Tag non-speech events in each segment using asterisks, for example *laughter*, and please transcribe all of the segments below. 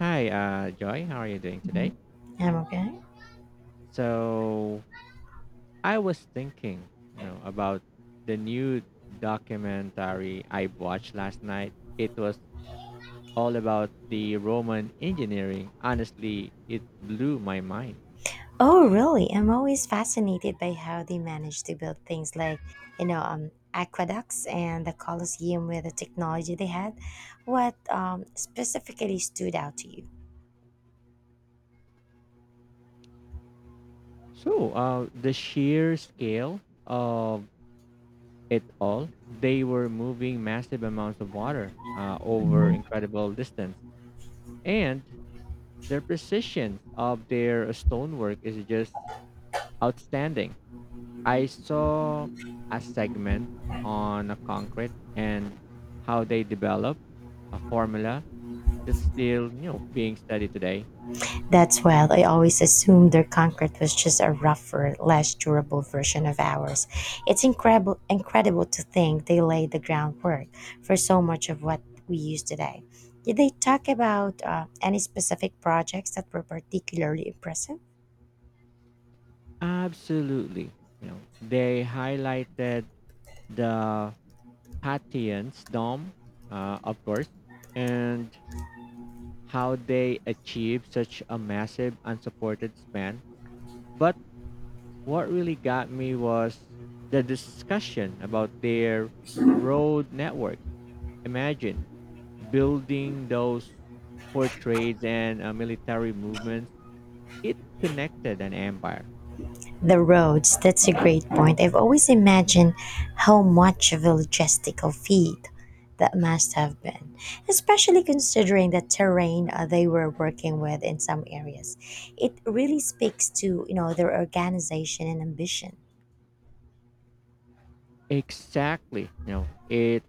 Hi, Joy. How are you doing today? I'm okay. So I was thinking, you know, about the new documentary I watched last night. It was all about the Roman engineering. Honestly, it blew my mind. Oh, really? I'm always fascinated by how they manage to build things like, aqueducts and the Colosseum with the technology they had. What specifically stood out to you? The sheer scale of it all, they were moving massive amounts of water over incredible distance. And their precision of their stonework is just outstanding. I saw a segment on a concrete and how they develop a formula that's still, you know, being studied today. That's wild. I always assumed their concrete was just a rougher, less durable version of ours. It's incredible to think they laid the groundwork for so much of what we use today. Did they talk about any specific projects that were particularly impressive? Absolutely. You know, they highlighted the Patience dome, of course, and how they achieved such a massive unsupported span. But what really got me was the discussion about their road network. Imagine building those for trades and military movements. It connected an empire. The roads, that's a great point. I've always imagined how much of a logistical feat that must have been, especially considering the terrain they were working with in some areas. It really speaks to, you know, their organization and ambition. Exactly. You know, it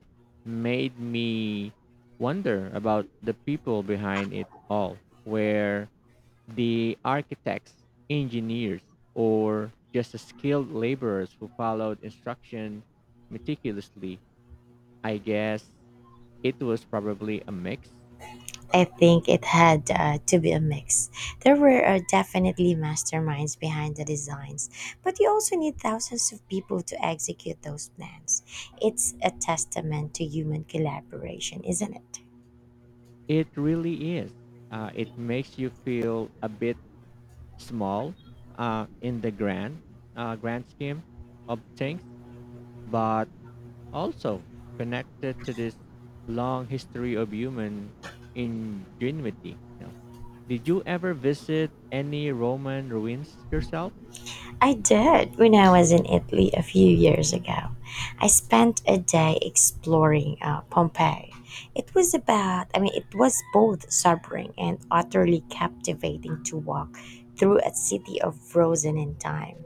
made me wonder about the people behind it all, where the architects, engineers, or just the skilled laborers who followed instruction meticulously. I guess it was probably a mix. I think it had to be a mix. There were definitely masterminds behind the designs, but you also need thousands of people to execute those plans. It's a testament to human collaboration, isn't it? It really is. It makes you feel a bit small in the grand scheme of things, but also connected to this long history of human ingenuity, you know. Did you ever visit any Roman ruins yourself? I did when I was in Italy a few years ago. I spent a day exploring Pompeii. It was it was both sobering and utterly captivating to walk through a city of frozen in time.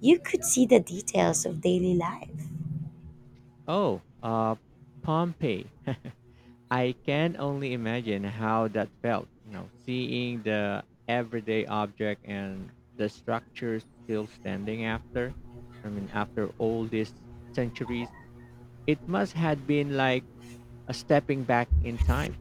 You could see the details of daily life. Oh, Pompeii. I can only imagine how that felt, you know, seeing the everyday object and the structure still standing after. I mean, after all these centuries, it must had been like a stepping back in time.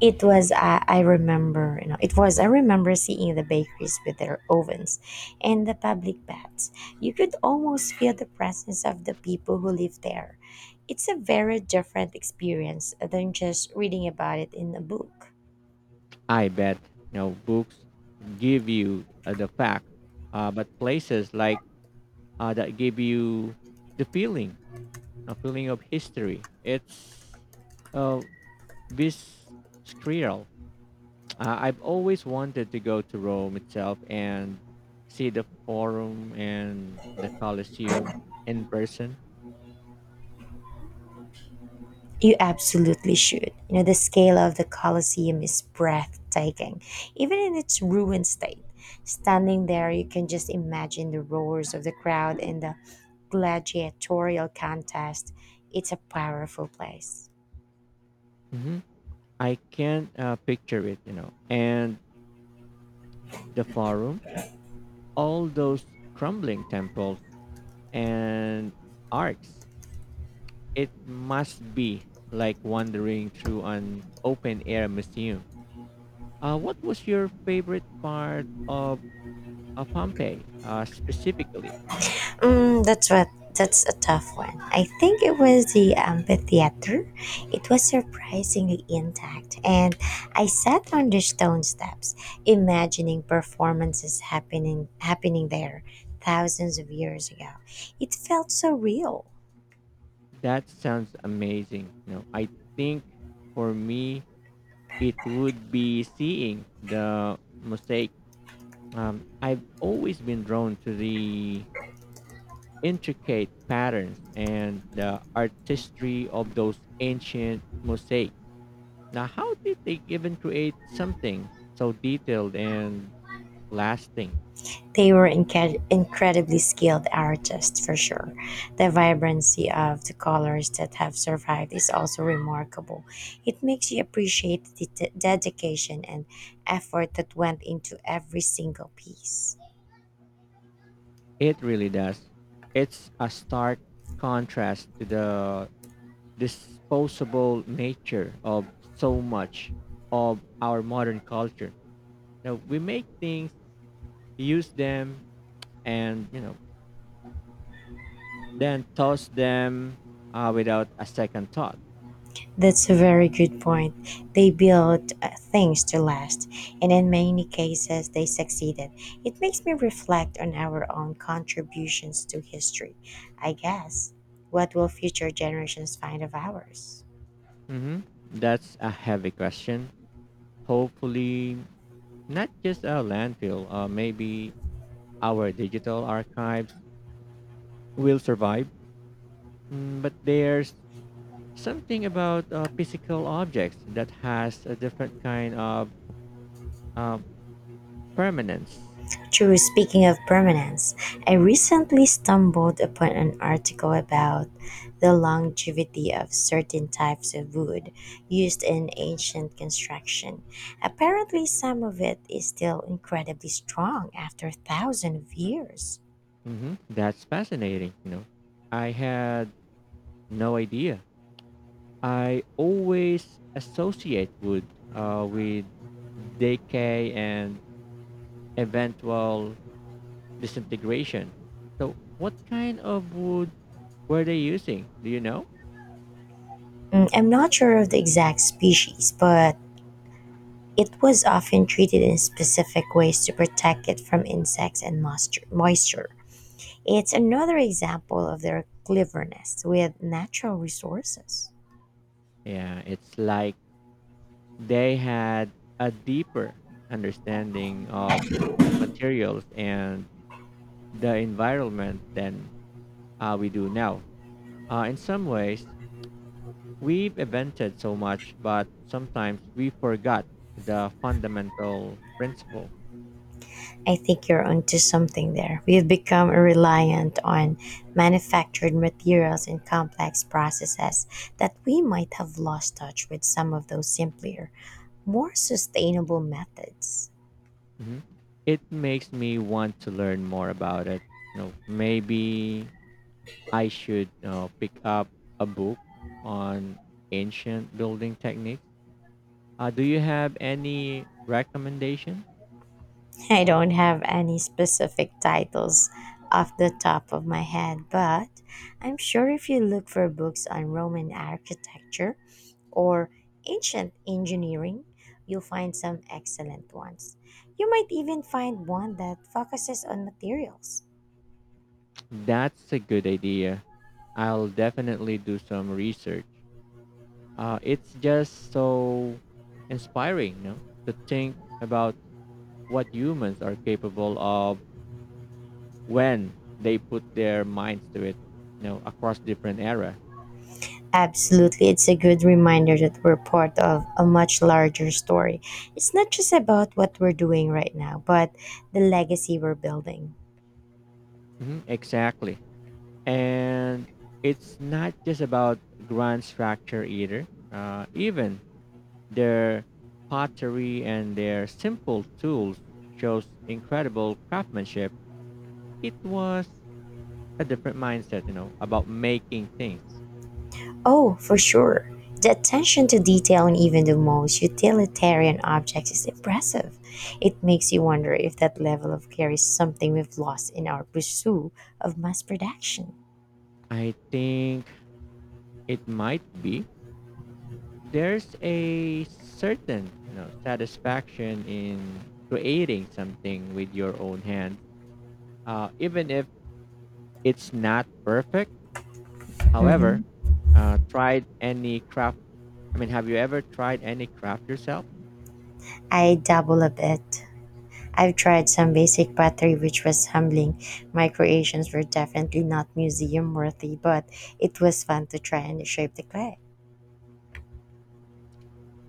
It was I remember you know it was I remember seeing the bakeries with their ovens and the public baths. You could almost feel the presence of the people who live there. It's a very different experience than just reading about it in a book. I bet, you know, books give you the fact, but places like that give you the feeling, a feeling of history. It's uh, this I've always wanted to go to Rome itself and see the Forum and the Colosseum in person. You absolutely should. You know, the scale of the Colosseum is breathtaking, even in its ruined state. Standing there, you can just imagine the roars of the crowd and the gladiatorial contest. It's a powerful place. Hmm. I can't picture it, you know. And the Forum, all those crumbling temples and arcs. It must be like wandering through an open air museum. What was your favorite part of Pompeii specifically? Mm, that's what. That's a tough one. I think it was the amphitheater. It was surprisingly intact, and I sat on the stone steps, imagining performances happening there thousands of years ago. It felt so real. That sounds amazing. You know, I think for me it would be seeing the mosaic. I've always been drawn to the intricate patterns and the artistry of those ancient mosaics. Now, how did they even create something so detailed and lasting? They were incredibly skilled artists for sure. The vibrancy of the colors that have survived is also remarkable. It makes you appreciate the dedication and effort that went into every single piece. It really does. It's a stark contrast to the disposable nature of so much of our modern culture. Now we make things, use them, and, you know, then toss them without a second thought. That's a very good point. They built things to last, and in many cases, they succeeded. It makes me reflect on our own contributions to history. I guess, what will future generations find of ours? Hmm. That's a heavy question. Hopefully, not just our landfill, maybe our digital archives will survive. But there's something about physical objects that has a different kind of uh, permanence. True, speaking of permanence, I recently stumbled upon an article about the longevity of certain types of wood used in ancient construction. Apparently, some of it is still incredibly strong after thousands of years. Hmm. That's fascinating. You know, I had no idea. I always associate wood with decay and eventual disintegration. So, what kind of wood were they using? Do you know? Mm, I'm not sure of the exact species, but it was often treated in specific ways to protect it from insects and moisture. It's another example of their cleverness with natural resources. Yeah, it's like they had a deeper understanding of materials and the environment than we do now. In some ways, we've invented so much, but sometimes we forgot the fundamental principle. I think you're onto something there. We've become reliant on manufactured materials and complex processes that we might have lost touch with some of those simpler, more sustainable methods. Mhm. It makes me want to learn more about it. You know, maybe I should pick up a book on ancient building techniques. Do you have any recommendation? I don't have any specific titles off the top of my head, but I'm sure if you look for books on Roman architecture or ancient engineering, you'll find some excellent ones. You might even find one that focuses on materials. That's a good idea. I'll definitely do some research. It's just so inspiring, you know, to think about what humans are capable of when they put their minds to it, you know, across different era. Absolutely, it's a good reminder that we're part of a much larger story. It's not just about what we're doing right now, but the legacy we're building. Hmm, exactly. And it's not just about grand structure either, even their pottery and their simple tools shows incredible craftsmanship. It was a different mindset, you know, about making things. Oh, for sure. The attention to detail in even the most utilitarian objects is impressive. It makes you wonder if that level of care is something we've lost in our pursuit of mass production. I think it might be, there's a certain, you know, satisfaction in creating something with your own hands, even if it's not perfect. However, Hmm. Tried any craft I mean have you ever tried any craft yourself? I dabble a bit. I've tried some basic pottery, which was humbling. My creations were definitely not museum worthy, but it was fun to try and shape the clay.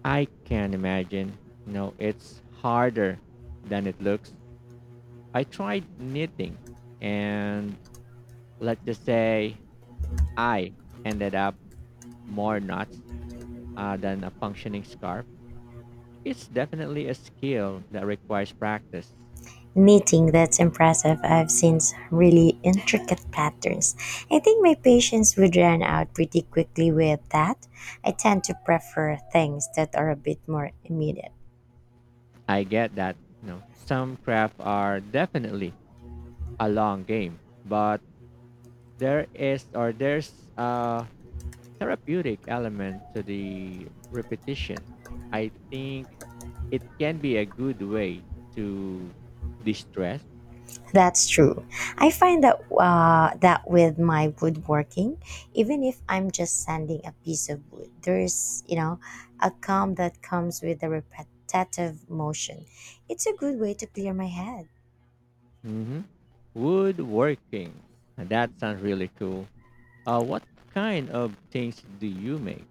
I can imagine, you know, it's harder than it looks. I tried knitting, and let's just say I ended up more knots than a functioning scarf. It's definitely a skill that requires practice. Knitting, that's impressive. I've seen really intricate patterns. I think my patience would run out pretty quickly with that. I tend to prefer things that are a bit more immediate. I get that, you know, some craft are definitely a long game, but there is or there's a therapeutic element to the repetition. I think it can be a good way to distress. That's true. I find that with my woodworking, even if I'm just sanding a piece of wood, there's, you know, a calm that comes with the repetitive motion. It's a good way to clear my head. Hmm. Woodworking. Now, that sounds really cool. What kind of things do you make?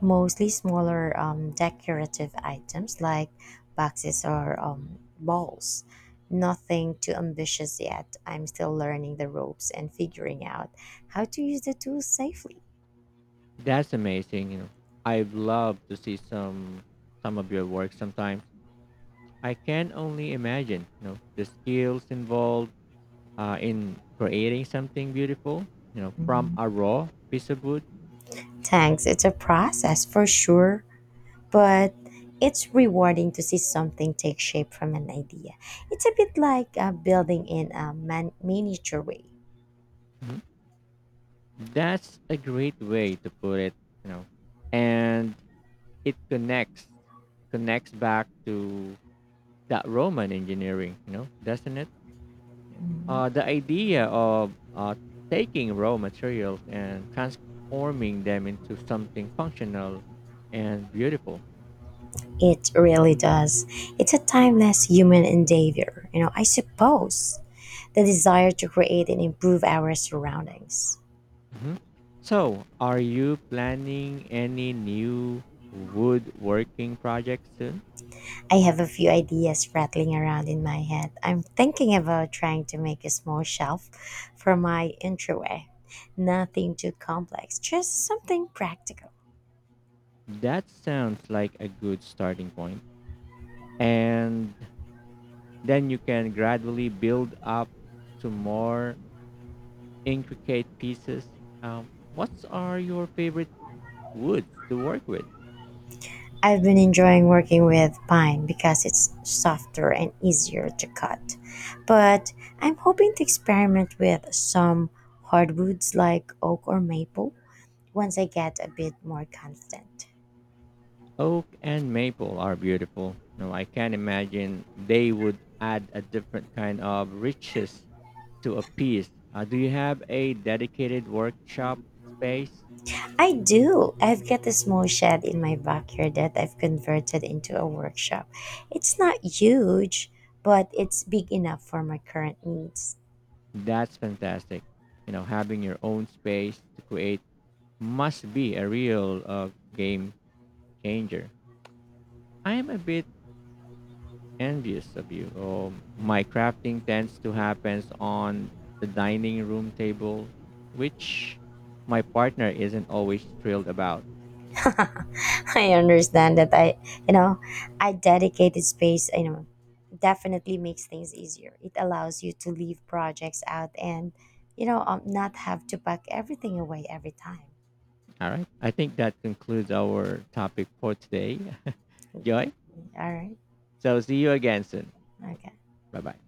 Mostly smaller decorative items like boxes or balls. Nothing too ambitious yet. I'm still learning the ropes and figuring out how to use the tools safely. That's amazing. You know, I'd love to see some of your work sometimes. I can only imagine, you know, the skills involved in creating something beautiful, you know, from Mhm. a raw piece of wood. Thanks, it's a process for sure, but it's rewarding to see something take shape from an idea. It's a bit like building in a miniature way. Mhm. That's a great way to put it, you know. And it connects back to that Roman engineering, you know, doesn't it? Mhm. The idea of taking raw materials and transforming them into something functional and beautiful. It really does. It's a timeless human endeavor, you know, I suppose, the desire to create and improve our surroundings. Mhm. So, are you planning any new woodworking projects soon? I have a few ideas rattling around in my head. I'm thinking about trying to make a small shelf for my entryway. Nothing too complex, just something practical. That sounds like a good starting point. And then you can gradually build up to more intricate pieces. What are your favorite woods to work with? I've been enjoying working with pine because it's softer and easier to cut. But I'm hoping to experiment with some hardwoods like oak or maple once I get a bit more confident. Oak and maple are beautiful. No, I can imagine they would add a different kind of riches to a piece. Do you have a dedicated workshop space? I do. I've got a small shed in my backyard that I've converted into a workshop. It's not huge, but it's big enough for my current needs. That's fantastic. You know, having your own space to create must be a real game changer. I am a bit envious of you. My crafting tends to happens on the dining room table, which my partner isn't always thrilled about. *laughs* I understand that. You know, I dedicated space, you know, definitely makes things easier. It allows you to leave projects out and, not have to pack everything away every time. All right. I think that concludes our topic for today. *laughs* Okay. Joy. All right. So see you again soon. Okay. Bye bye.